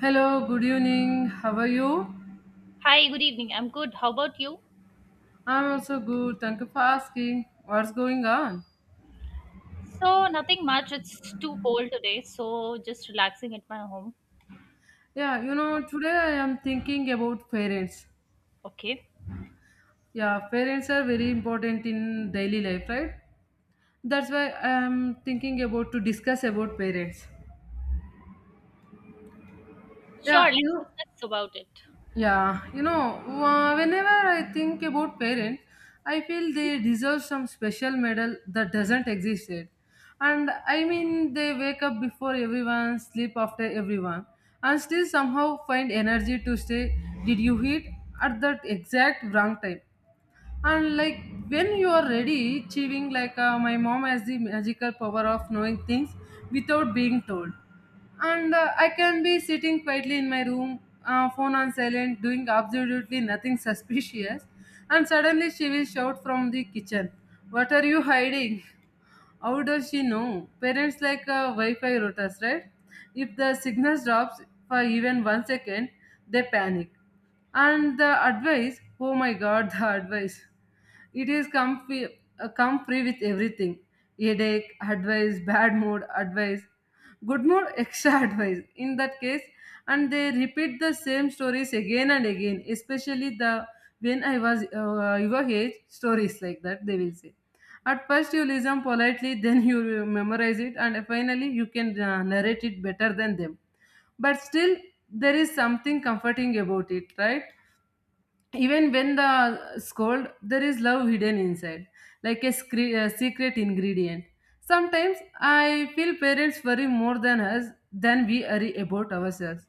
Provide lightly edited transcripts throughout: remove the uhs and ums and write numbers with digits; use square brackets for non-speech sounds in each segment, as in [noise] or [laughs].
Hello, good evening. How are you? Hi, good evening. I'm good. How about you? I'm also good. Thank you for asking. What's going on? So, nothing much. It's too cold today, so just relaxing at my home. Today I am thinking about parents. Okay. Yeah, parents are very important in daily life, right? That's why I am thinking about to discuss about parents. Yeah, Sure, you let's know, discuss about it. Whenever I think about parents, I feel they deserve some special medal that doesn't exist yet. And I mean, they wake up before everyone, sleep after everyone, and still somehow find energy to say, did you eat? At that exact wrong time and like when you are ready chewing like my mom has the magical power of knowing things without being told. And I can be sitting quietly in my room, phone on silent, doing absolutely nothing [laughs] suspicious, and suddenly she will shout from the kitchen, what are you hiding? How does she know? Parents like wi-fi routers, right? If the signal drops for even one second, they panic. And the advice, oh my god, [laughs] the advice, it is come free with everything. Headache, advice, bad mood, advice, good mood, extra [laughs] advice. In that case, and they repeat the same stories again and again. Especially the when I was your age, stories like that they will say. At first you listen politely, [laughs] then you memorize it, and finally you can narrate it better than them. But still, there is something comforting about it, right? Even when the scold there is love hidden inside like a, a secret ingredient. Sometimes I feel parents worry more than us, than we worry about ourselves.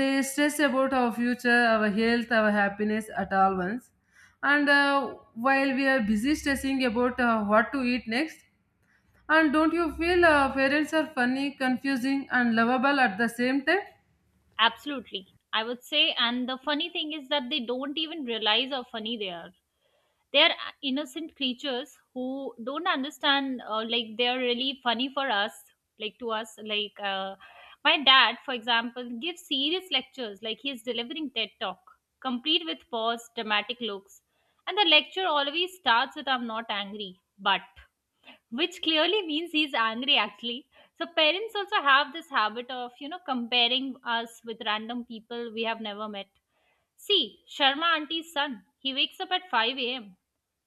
They stress about our future, our health, our happiness at all once. And while we are busy stressing about what to eat next, and don't you feel parents are funny, confusing, and lovable at the same time? Absolutely. I would say, and the funny thing is that they don't even realize how funny they are. They are innocent creatures who don't understand, like they are really funny for us, like to us, my dad for example gives serious lectures like he is delivering TED talk, complete with pause dramatic looks. And the lecture always starts with "I'm not angry, but," which clearly means he's angry actually. So parents also have this habit of, you know, comparing us with random people we have never met. See, Sharma auntie's son. He wakes up at 5 a.m.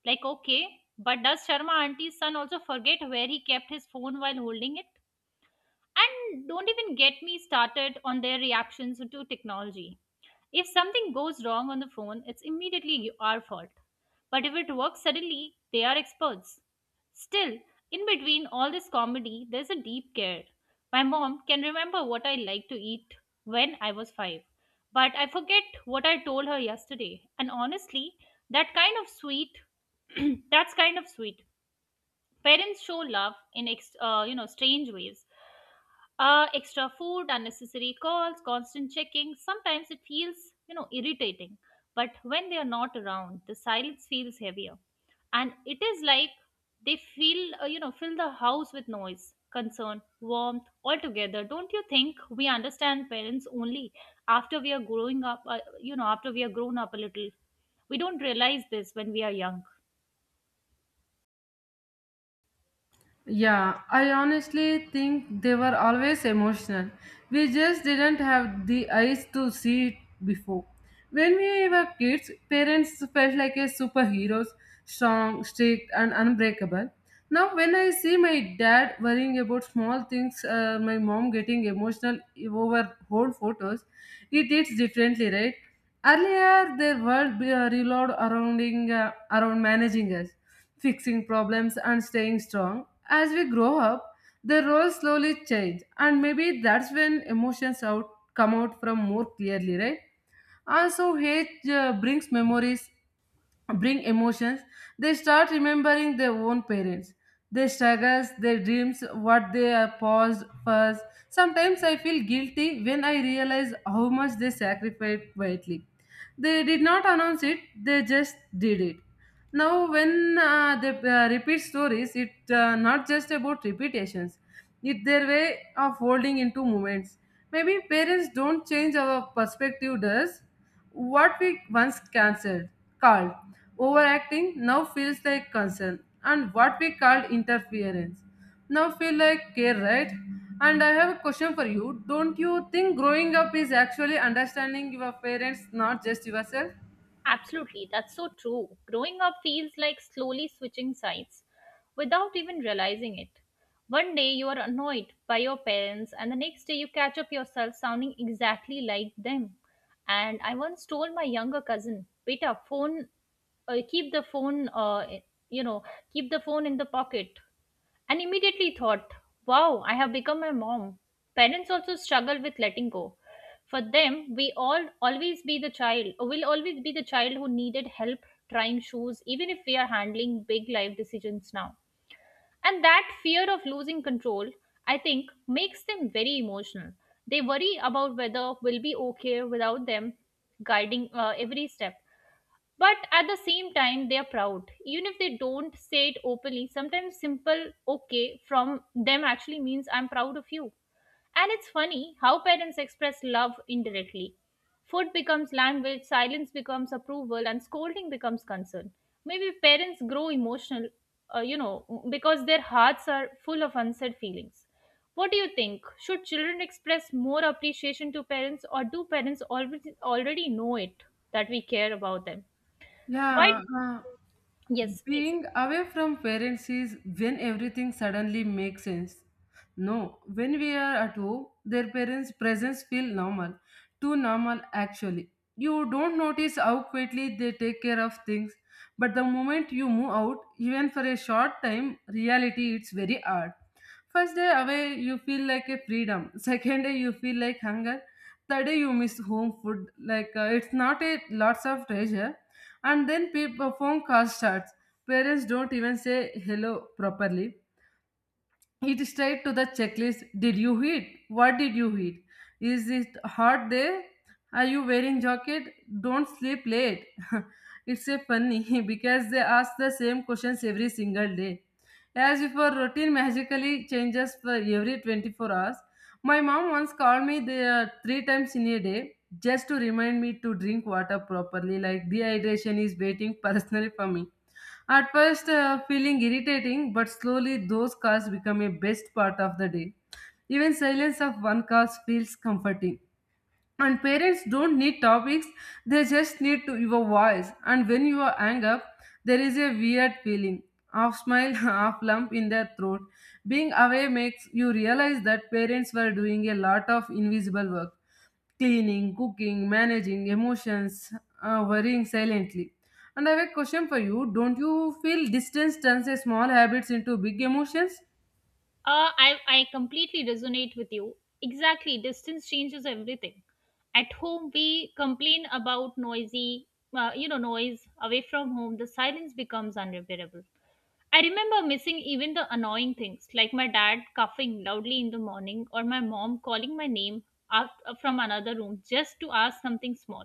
Like, okay, but does Sharma auntie's son also forget where he kept his phone while holding it? And don't even get me started on their reactions to technology. If something goes wrong on the phone, it's immediately our fault. But if it works suddenly, they are experts. Still, in between all this comedy, there's a deep care. My mom can remember what I liked to eat when I was five, but I forget what I told her yesterday. And honestly, that kind of sweet, [clears throat] that's kind of sweet. Parents show love in you know, strange ways: extra food, unnecessary calls, constant checking. Sometimes it feels, you know, irritating. But when they are not around, the silence feels heavier. And it is like they feel, you know, fill the house with noise, concern, warmth altogether. Don't you think we understand parents only after we are growing up, you know, after we are grown up a little? We don't realize this when we are young. Yeah, I honestly think they were always emotional. We just didn't have the eyes to see it before. When we were kids, parents felt like a superheroes, strong, strict, and unbreakable. Now, when I see my dad worrying about small things, my mom getting emotional over old photos, it hits differently, right? Earlier, their revolved around, around managing us, fixing problems, and staying strong. As we grow up, the roles slowly change, and maybe that's when emotions out come out from more clearly, right? Also, hate brings memories, bring emotions. They start remembering their own parents, their struggles, their dreams, what they are paused first. Sometimes I feel guilty when I realize how much they sacrificed quietly. They did not announce it, they just did it. Now, when they repeat stories, it's not just about repetitions, it's their way of folding into moments. Maybe parents don't change our perspective, does what we once cancelled, called overacting, now feels like concern, and what we called interference now feel like care, right? And I have a question for you. Don't you think growing up is actually understanding your parents, not just yourself? Absolutely, that's so true. Growing up feels like slowly switching sides without even realizing it. One day you are annoyed by your parents, and the next day you catch up yourself sounding exactly like them. And I once told my younger cousin, "Beta, phone, keep the phone, you know, keep the phone in the pocket," and immediately thought, wow, I have become a mom. Parents also struggle with letting go. For them, we all always be the child, or will always be the child who needed help trying shoes, even if we are handling big life decisions now. And that fear of losing control, I think, makes them very emotional. They worry about whether we'll be okay without them guiding every step, but at the same time they are proud even if they don't say it openly. Sometimes simple okay from them actually means "I'm proud of you." And it's funny how parents express love indirectly. Food becomes language, silence becomes approval, and scolding becomes concern. Maybe parents grow emotional, you know, because their hearts are full of unsaid feelings. What do you think, should children express more appreciation to parents, or do parents already know it that we care about them? Why? Yeah, uh, Yes, yes. Being away from parents is when everything suddenly makes sense. No, when we are at home, their parents' presence feel normal, too normal actually. You don't notice how quickly they take care of things, but the moment you move out, even for a short time, reality it's very hard. First day away, you feel like a freedom. [laughs] Second day, you feel like hunger. Third day, you miss home food. Like it's not a lots of treasure, and then people phone call starts. Parents don't even say hello properly. It straight to the checklist. Did you eat? What did you eat? Is it hot there? Are you wearing jacket? Don't sleep late. [laughs] It's a funny [laughs] because they ask the same questions every single day. As if our routine magically changes for every 24 hours. My mom once called me there three times in a day just to remind me to drink water properly, like dehydration is waiting personally for me. At first, feeling irritating, but slowly those cars become a best part of the day. Even silence of one car feels comforting. And parents don't need topics, they just need to your voice. And when you are angry, there is a weird feeling, half smile, [laughs] half lump in their throat. Being away makes you realize that parents were doing a lot of invisible work, cleaning, cooking, managing emotions, worrying silently. And I have a question for you. Don't you feel distance turns a small habits into big emotions? I completely resonate with you. Exactly. Distance changes everything. At home, we complain about you know, noise. Away from home, the silence becomes unbearable. I remember missing even the annoying things, like my dad coughing loudly in the morning or my mom calling my name out, from another room just to ask something small.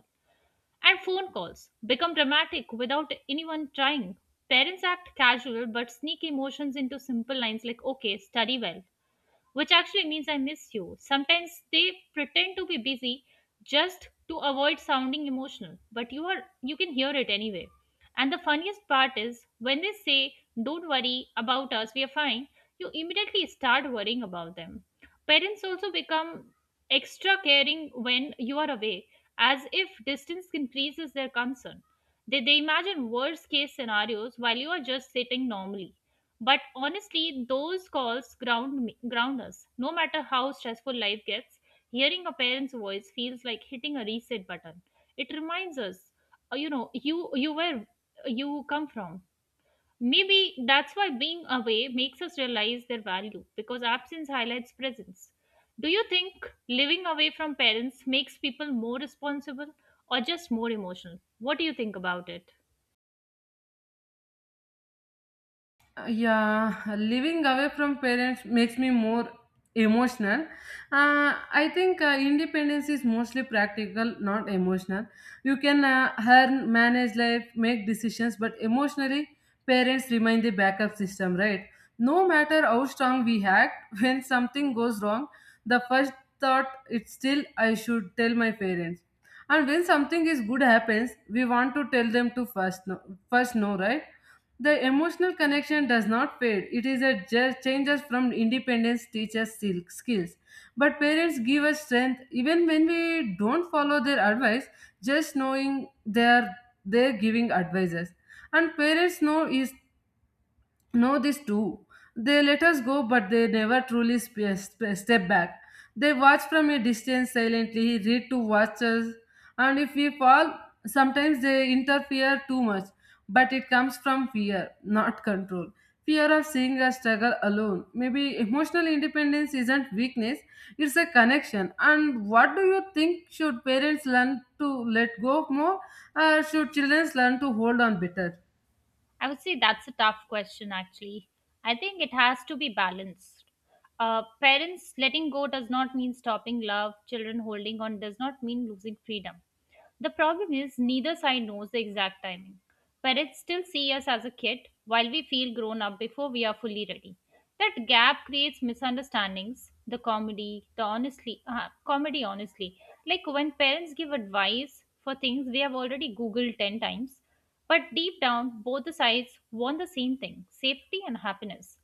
And phone calls become dramatic without anyone trying. Parents act casual but sneak emotions into simple lines like, "Okay, study well," which actually means "I miss you." Sometimes they pretend to be busy just to avoid sounding emotional, but you can hear it anyway. And the funniest part is when they say, "Don't worry about us, we are fine," you immediately start worrying about them. Parents also become extra caring when you are away, as if distance increases their concern. They imagine worst case scenarios while you are just sitting normally. But honestly, those calls ground me, ground us. No matter how stressful life gets, hearing a parent's voice feels like hitting a reset button. It reminds us, you know, you come from. Maybe that's why being away makes us realize their value, because absence highlights presence. Do you think living away from parents makes people more responsible or just more emotional? What do you think about it? Yeah living away from parents makes me more emotional. Uh, i think uh, independence is mostly practical, not emotional. You can earn, manage life, make decisions, but emotionally parents remain the backup system, right? No matter how strong we act, [laughs] when something goes wrong the first thought it's still I should tell my parents. And when something is good happens we want to tell them to first no, first no, right? The emotional connection does not fade. It is a just changes from independence teaches skills. But parents give us strength even when we don't follow their advice, just knowing they're giving advices. And parents know this too. They let us go, but they never truly step back. They watch from a distance silently, read to watch us, and if we fall, sometimes they interfere too much. But it comes from fear, not control. Fear of seeing us struggle alone. Maybe emotional independence isn't weakness, it's a connection. And what do you think? Should parents learn to let go more, or should children learn to hold on better? I would say that's a tough question, actually. I think it has to be balanced. Parents letting go does not mean stopping love. Children holding on does not mean losing freedom. The problem is neither side knows the exact timing. Parents still see us as a kid while we feel grown up before we are fully ready. That gap creates misunderstandings. The comedy honestly, like when parents give advice for things they have already googled 10 times, but deep down both the sides want the same thing, safety and happiness.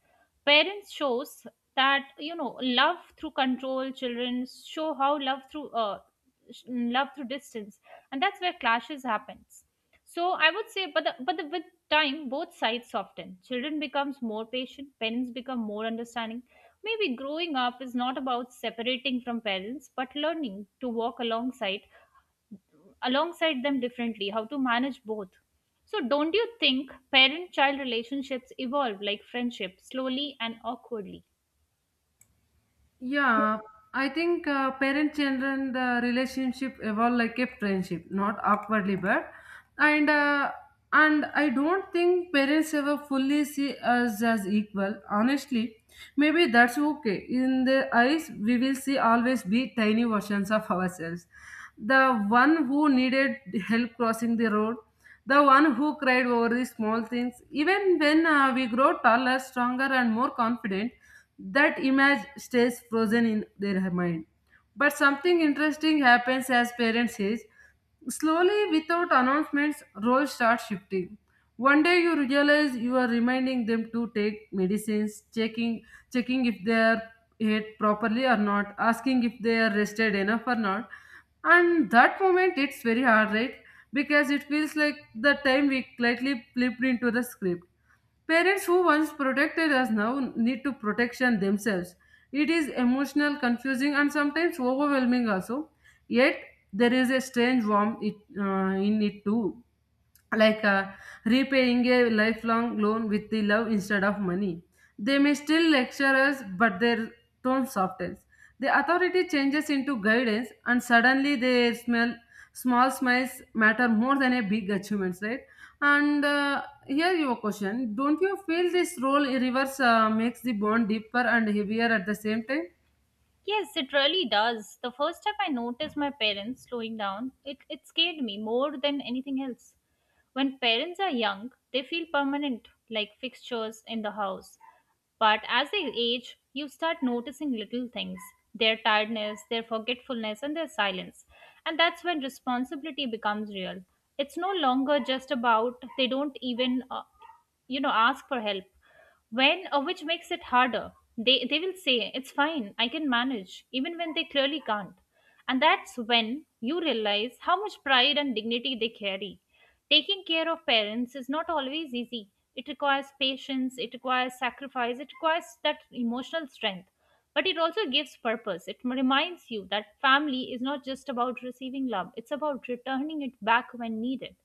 Parents shows that, you know, love through control, children show how love through love through distance, and that's where clashes happens. So I would say, with time both sides soften, children becomes more patient, parents become more understanding. Maybe growing up is not about separating from parents, but learning to walk alongside them differently, how to manage both. So don't you think parent child relationships evolve like friendship, slowly and awkwardly? Yeah, I think parent children the relationship evolve like a friendship, not awkwardly, but and uh, and I don't think parents ever fully see us as equal. Honestly, maybe that's okay. In their eyes, we will see always be tiny versions of ourselves. The one who needed help crossing the road, the one who cried over the small things. Even when we grow taller, stronger, and more confident, that image stays frozen in their mind. But something interesting happens as parents age. Slowly, without announcements, roles start shifting. One day you realize you are reminding them to take medicines, checking if they are ate properly or not, asking if they are rested enough or not. And that moment it's very hard, right? Because it feels like the time we lightly flipped into the script. Parents who once protected us now need to protection themselves. It is emotional, confusing, and sometimes overwhelming also. Yet there is a strange warmth in it too, like repaying a lifelong loan with the love instead of money. They may still lecture us, but their tone softens. The authority changes into guidance, and suddenly they smell small smiles matter more than a big achievements, right? And here your question: don't you feel this role reverse makes the bond deeper and heavier at the same time? Yes, it really does. The first time I noticed my parents slowing down, it scared me more than anything else. When parents are young, they feel permanent, like fixtures in the house. But as they age, you start noticing little things: their tiredness, their forgetfulness, and their silence. And that's when responsibility becomes real. It's no longer just about they don't even, you know, ask for help when, which makes it harder. They will say "it's fine, I can manage" even when they clearly can't. And that's when you realize how much pride and dignity they carry. Taking care of parents is not always easy. It requires patience, it requires sacrifice, it requires that emotional strength. But it also gives purpose. It reminds you that family is not just about receiving love, it's about returning it back when needed.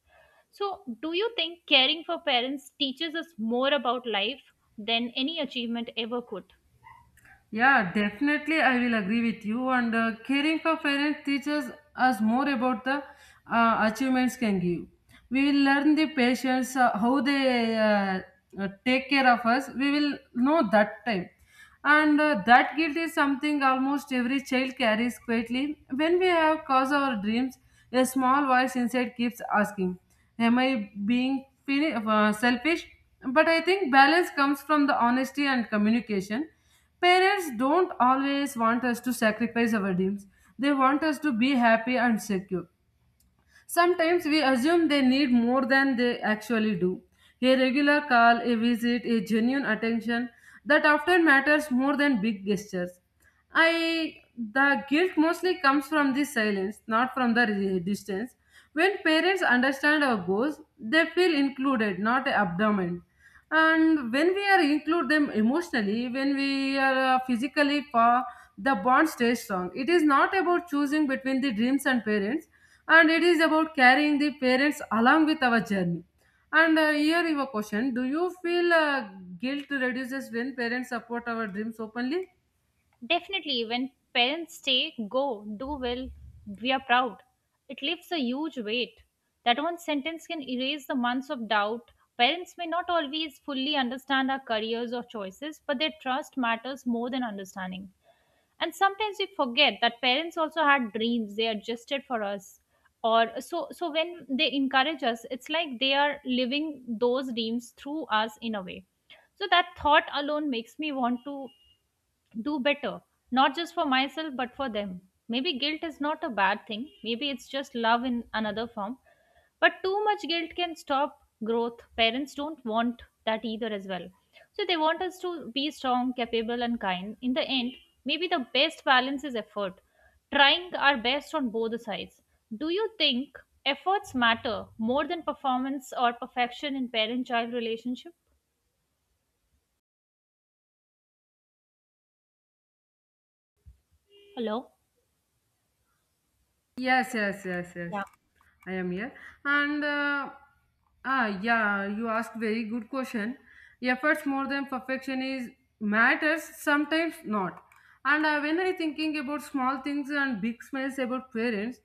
So, do you think caring for parents teaches us more about life than any achievement ever could? Yeah, definitely, I will agree with you. And caring for parents teaches us more about the achievements can give. We will learn the patients how they take care of us. We will know that time, and that guilt is something almost every child carries quietly. When we have caused our dreams, a small voice inside keeps asking, "Am I being selfish?" But I think balance comes from the honesty and communication. Parents don't always want us to sacrifice our dreams. They want us to be happy and secure. Sometimes we assume they need more than they actually do. A regular call, a visit, a genuine attention that often matters more than big gestures. I the guilt mostly comes from the silence, not from the distance. When parents understand our goals, they feel included, not abandoned. And when we are include them emotionally when we are physically far, the bond stays strong. It is not about choosing between the dreams and parents, and it is about carrying the parents along with our journey. And here is a question: do you feel guilt reduces when parents support our dreams openly? Definitely, when parents say, "Go, do well, we are proud," it lifts a huge weight. That one sentence can erase the months of doubt. Parents may not always fully understand our careers or choices, but their trust matters more than understanding. And sometimes we forget that parents also had dreams they adjusted for us. Or so so when they encourage us, it's like they are living those dreams through us in a way. So that thought alone makes me want to do better, not just for myself, but for them. Maybe guilt is not a bad thing. Maybe it's just love in another form. But too much guilt can stop growth. Parents don't want that either, as well. So they want us to be strong, capable, and kind. In the end, maybe the best balance is effort, trying our best on both the sides. Do you think efforts matter more than performance or perfection in parent child relationship? Hello? Yes, yes, yes, yes. Yeah. I am here. And uh, yeah, you asked very good question. Efforts more than perfection is matters sometimes not. And when I thinking about small things and big smiles about parents,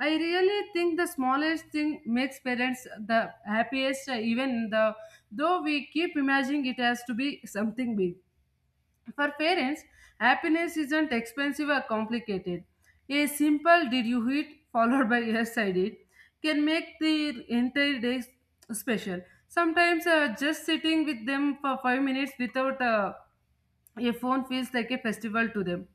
I really think the smallest thing makes parents the happiest. Even the though we keep imagining it has to be something big. For parents, happiness isn't expensive or complicated. A simple did you eat [laughs] followed by yes I did can make the entire day special. Sometimes just sitting with them for 5 minutes without a phone feels like a festival to them.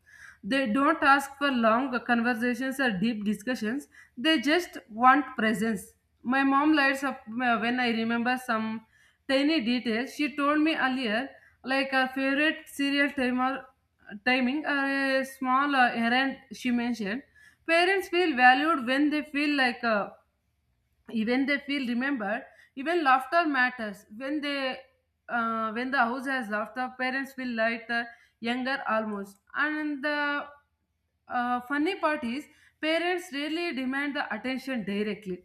They don't ask for long conversations or deep discussions, they just want presence. My mom lights up when I remember some tiny details. She told me earlier, like her favorite serial timer timing or a small errand she mentioned. Parents feel valued when they feel like even they feel remembered, even laughter matters when they when the house has laughter, parents feel lighter, younger almost. And the funny part is, parents rarely demand the attention directly.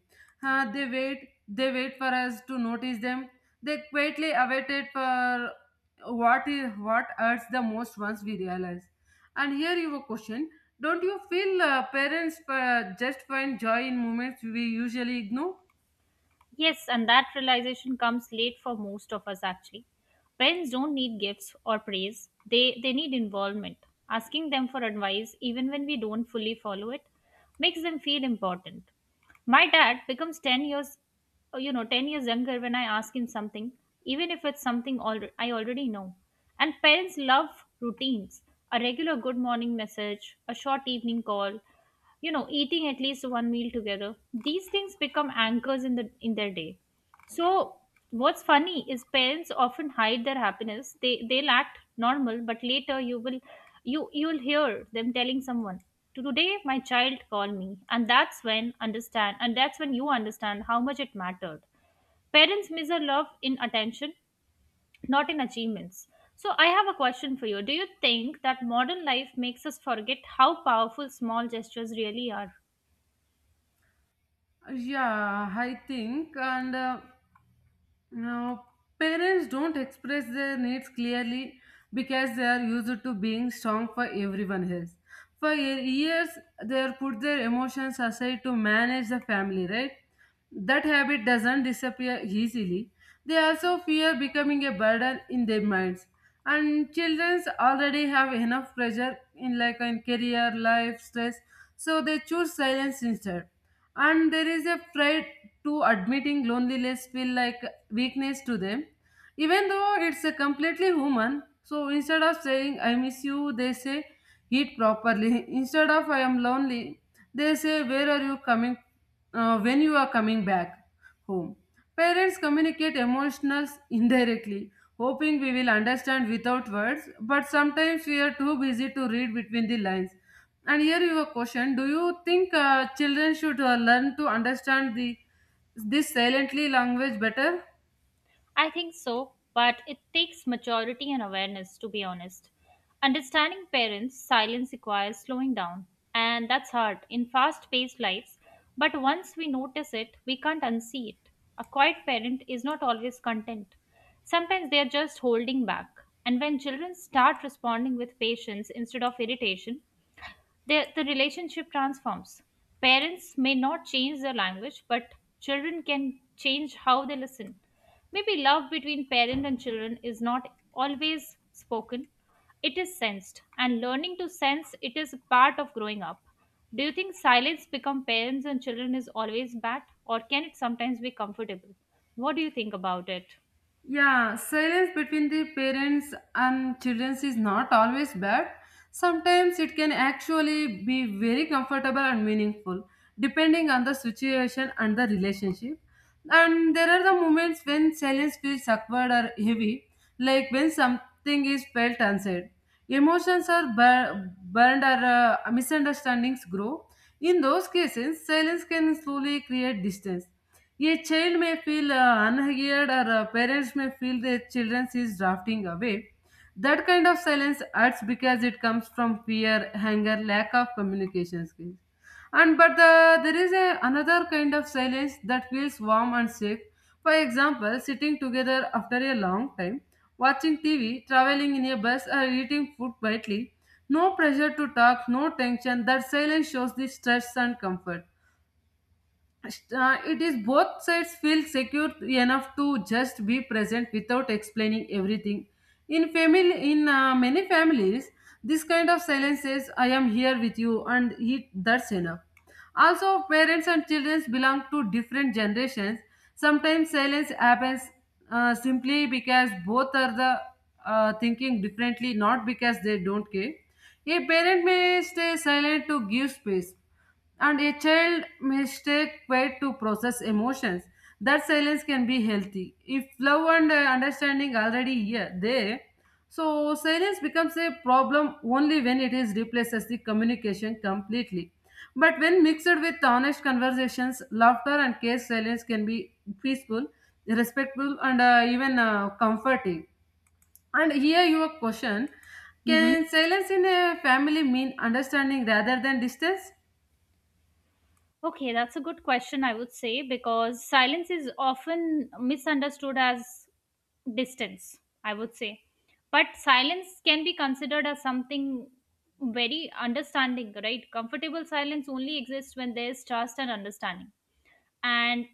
They wait, they wait for us to notice them, they quietly awaited for what is, what hurts the most once we realize. And here you have a question, don't you feel parents just find joy in moments we usually ignore? Yes, and that realization comes late for most of us actually. Parents don't need gifts or praise, they need involvement. Asking them for advice, even when we don't fully follow it, makes them feel important. My dad becomes you know, 10 years younger when I ask him something, even if it's something I already know. And parents love routines: a regular good morning message, a short evening call, you know, eating at least one meal together. These things become anchors in their day. So what's funny is parents often hide their happiness. They'll act normal, but later you will you you'll hear them telling someone, "Today my child called me," and that's when you understand how much it mattered. Parents measure love in attention, not in achievements. So I have a question for you: do you think that modern life makes us forget how powerful small gestures really are? Yeah, I think. And now, parents don't express their needs clearly because they are used to being strong for everyone else. For years, they are put their emotions aside to manage the family, right? That habit doesn't disappear easily. They also fear becoming a burden in their minds. And children already have enough pressure in, like, in career, life, stress, so they choose silence instead. And there is a pride to admitting loneliness, feel like weakness to them, even though it's a completely human. So instead of saying I miss you, they say eat properly [laughs] instead of I am lonely, they say where are you coming, when you are coming back home. Parents communicate emotions indirectly, hoping we will understand without words, but sometimes we are too busy to read between the lines. And here you have a question, do you think children should learn to understand the this silently language better? I think so, but it takes maturity and awareness, to be honest. Understanding parents' silence requires slowing down, and that's hard in fast paced lives. But once we notice it, we can't unsee it. A quiet parent is not always content. Sometimes they are just holding back. And when children start responding with patience instead of irritation, the relationship transforms. Parents may not change their language, but children can change how they listen. Maybe love between parent and children is not always spoken, it is sensed, and learning to sense it is a part of growing up. Do you think silence become parents and children is always bad, or can it sometimes be comfortable? What do you think about it? Yeah, silence between the parents and children is not always bad. Sometimes it can actually be very comfortable and meaningful, depending on the situation and the relationship. And there are the moments when silence feels awkward or heavy, like when something is felt unsaid. Emotions are burned or misunderstandings grow. In those cases, silence can slowly create distance. A child may feel unheard or parents may feel their children is drafting away. That kind of silence hurts because it comes from fear, anger, lack of communication skills. And but the, there is a, another kind of silence that feels warm and safe. For example, sitting together after a long time, watching tv, traveling in a bus, or eating food quietly, no pressure to talk, no tension. That silence shows the stress and comfort. It is both sides feel secure enough to just be present without explaining everything. In family, in many families, this kind of silence says I am here with you, and it, that's enough. Also, parents and children belong to different generations. Sometimes silence happens simply because both are the thinking differently, not because they don't care. A parent may stay silent to give space, and a child mistake way to process emotions. That silence can be healthy if love and understanding already here there. So silence becomes a problem only when it is replaces the communication completely. But when mixed with honest conversations, laughter, and care, silence can be peaceful, respectful, and even comforting. And here your question, Hmm. can silence in a family mean understanding rather than distance? Okay, that's a good question, I would say, because silence is often misunderstood as distance, I would say. But silence can be considered as something very understanding, right? Comfortable silence only exists when there is trust and understanding. And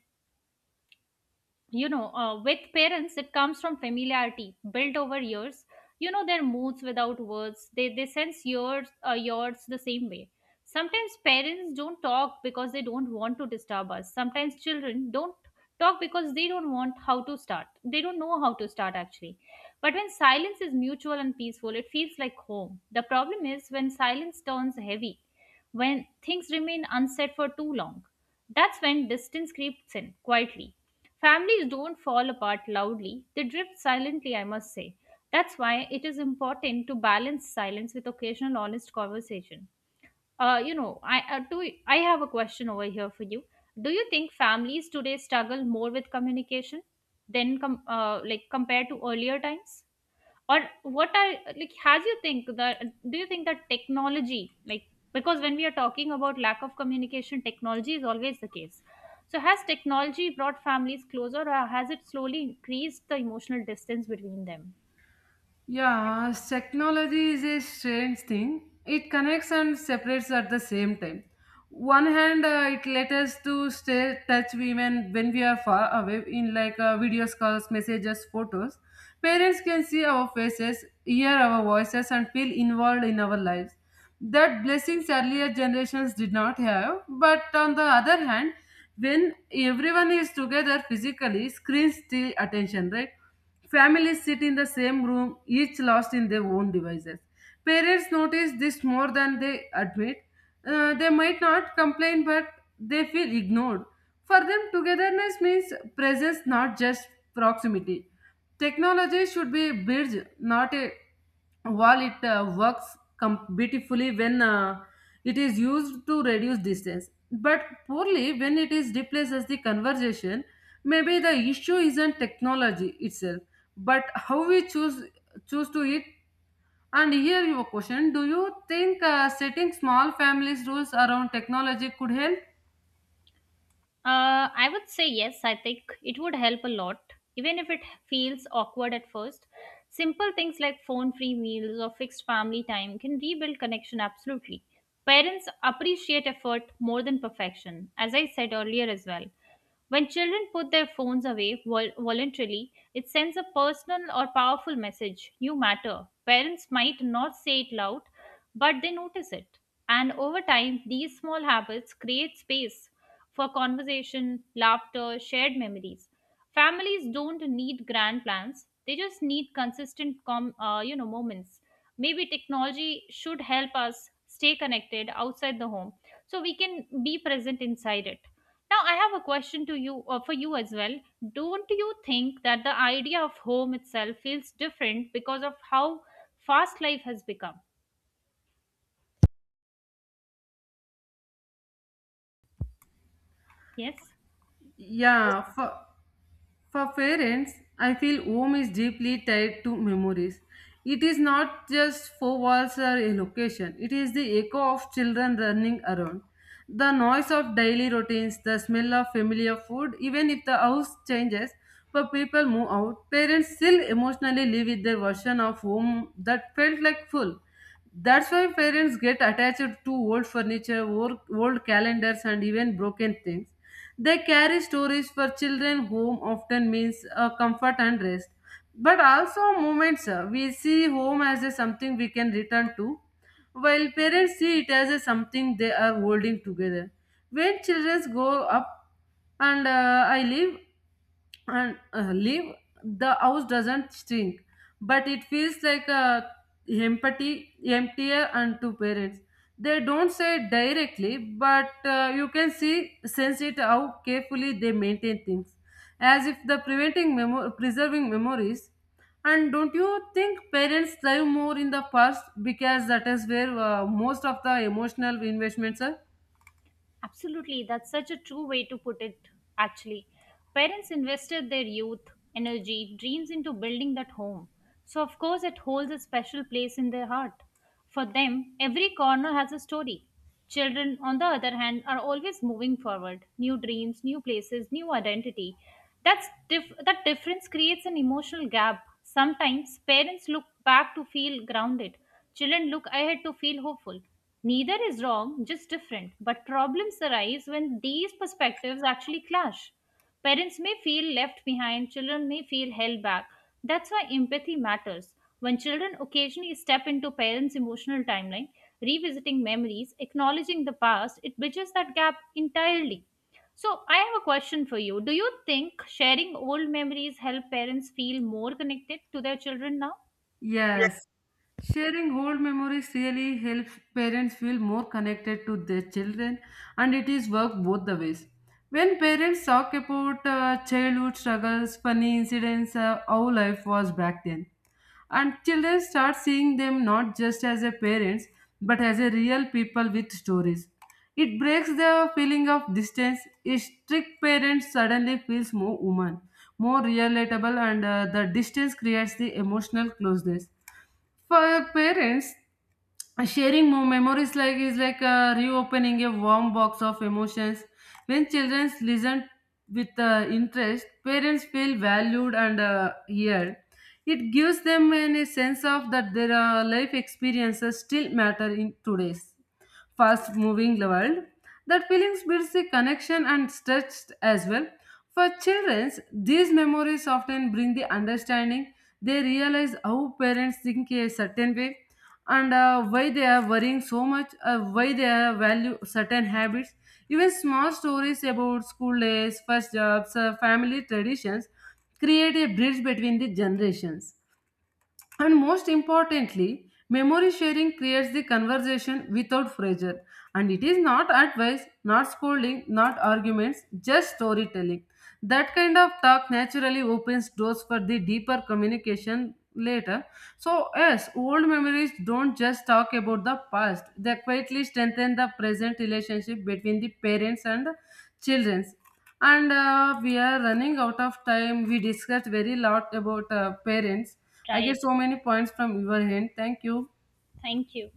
with parents it comes from familiarity built over years. You know their moods without words, they sense yours yours the same way. Sometimes parents don't talk because they don't want to disturb us. Sometimes children don't talk because they don't want how to start. They don't know how to start actually. But when silence is mutual and peaceful, it feels like home. The problem is when silence turns heavy, when things remain unsaid for too long. That's when distance creeps in quietly. Families don't fall apart loudly, they drift silently, I must say. That's why it is important to balance silence with occasional honest conversation. I do. I have a question over here for you. Do you think families today struggle more with communication than like compared to earlier times? Or what I like has you think that, do you think that technology, like, because when we are talking about lack of communication, technology is always the case. So has technology brought families closer, or has it slowly increased the emotional distance between them? Yeah, technology is a strange thing. It connects and separates at the same time. One hand, it let us to stay touch women when we are far away in, like, video calls, messages, photos. Parents can see our faces, hear our voices, and feel involved in our lives. That blessings earlier generations did not have. But on the other hand, when everyone is together physically, screens the attention, right? Families sit in the same room, each lost in their own devices. Parents notice this more than they admit. They might not complain, but they feel ignored. For them, togetherness means presence, not just proximity. Technology should be a bridge, not a wall. It works beautifully when it is used to reduce distance, but poorly when it is replaced as the conversation. Maybe the issue isn't technology itself, but how we choose to it. And here your question: do you think setting small families rules around technology could help? I would say yes. I think it would help a lot, even if it feels awkward at first. Simple things like phone free meals or fixed family time can rebuild connection absolutely. Parents appreciate effort more than perfection, as I said earlier as well. When children put their phones away voluntarily, it sends a personal or powerful message: you matter. Parents might not say it loud, but they notice it. And over time, these small habits create space for conversation, laughter, shared memories. Families don't need grand plans; they just need consistent, moments. Maybe technology should help us stay connected outside the home, so we can be present inside it. Now, I have a question to you, or for you as well. Don't you think that the idea of home itself feels different because of how fast life has become? Yes. Yeah, for parents, I feel home is deeply tied to memories. It is not just four walls or a location, it is the echo of children running around. The noise of daily routines, the smell of familiar food, even if the house changes, but people move out, parents still emotionally live with their version of home that felt like full. That's why parents get attached to old furniture, old calendars, and even broken things. They carry stories for children. Home often means comfort and rest, but also moments. We see home as a something we can return to, while parents see it as a something they are holding together. When children grow up and I live, and leave, the house doesn't shrink, but it feels like a empty emptier. And to parents, they don't say it directly, but you can see sense it how carefully they maintain things, as if the preserving memories. And don't you think parents thrive more in the past because that is where most of the emotional investments are? Absolutely, that's such a true way to put it, actually. Parents invested their youth, energy, dreams into building that home. So, of course, it holds a special place in their heart. For them, every corner has a story. Children, on the other hand, are always moving forward: new dreams, new places, new identity. That difference creates an emotional gap. Sometimes parents look back to feel grounded, children look ahead to feel hopeful. Neither is wrong, just different. But problems arise when these perspectives actually clash. Parents may feel left behind, children may feel held back. That's why empathy matters. When children occasionally step into parents' emotional timeline, revisiting memories, acknowledging the past, it bridges that gap entirely. So, I have a question for you. Do you think sharing old memories help parents feel more connected to their children now? Yes, sharing old memories really helps parents feel more connected to their children, and it is work both the ways. When parents talk about childhood struggles, funny incidents, how life was back then, and children start seeing them not just as a parents but as a real people with stories. It breaks the feeling of distance. A strict parent suddenly feels more human, more relatable, and the distance creates the emotional closeness. For parents, sharing more memories like is like reopening a warm box of emotions. When children listen with interest, parents feel valued and heard. It gives them a sense of that their life experiences still matter in today's fast-moving world. That feelings builds a connection and stretch as well. For children, these memories often bring the understanding. They realize how parents think a certain way and why they are worrying so much, why they are value certain habits. Even small stories about school days, first jobs, family traditions create a bridge between the generations. And most importantly, memory sharing creates the conversation without pressure. And it is not advice, not scolding, not arguments, just storytelling. That kind of talk naturally opens doors for the deeper communication later. So, yes, old memories don't just talk about the past, they quietly strengthen the present relationship between the parents and children. And we are running out of time, we discussed very lot about parents. I Right. get so many points from your hand, thank you. Thank you.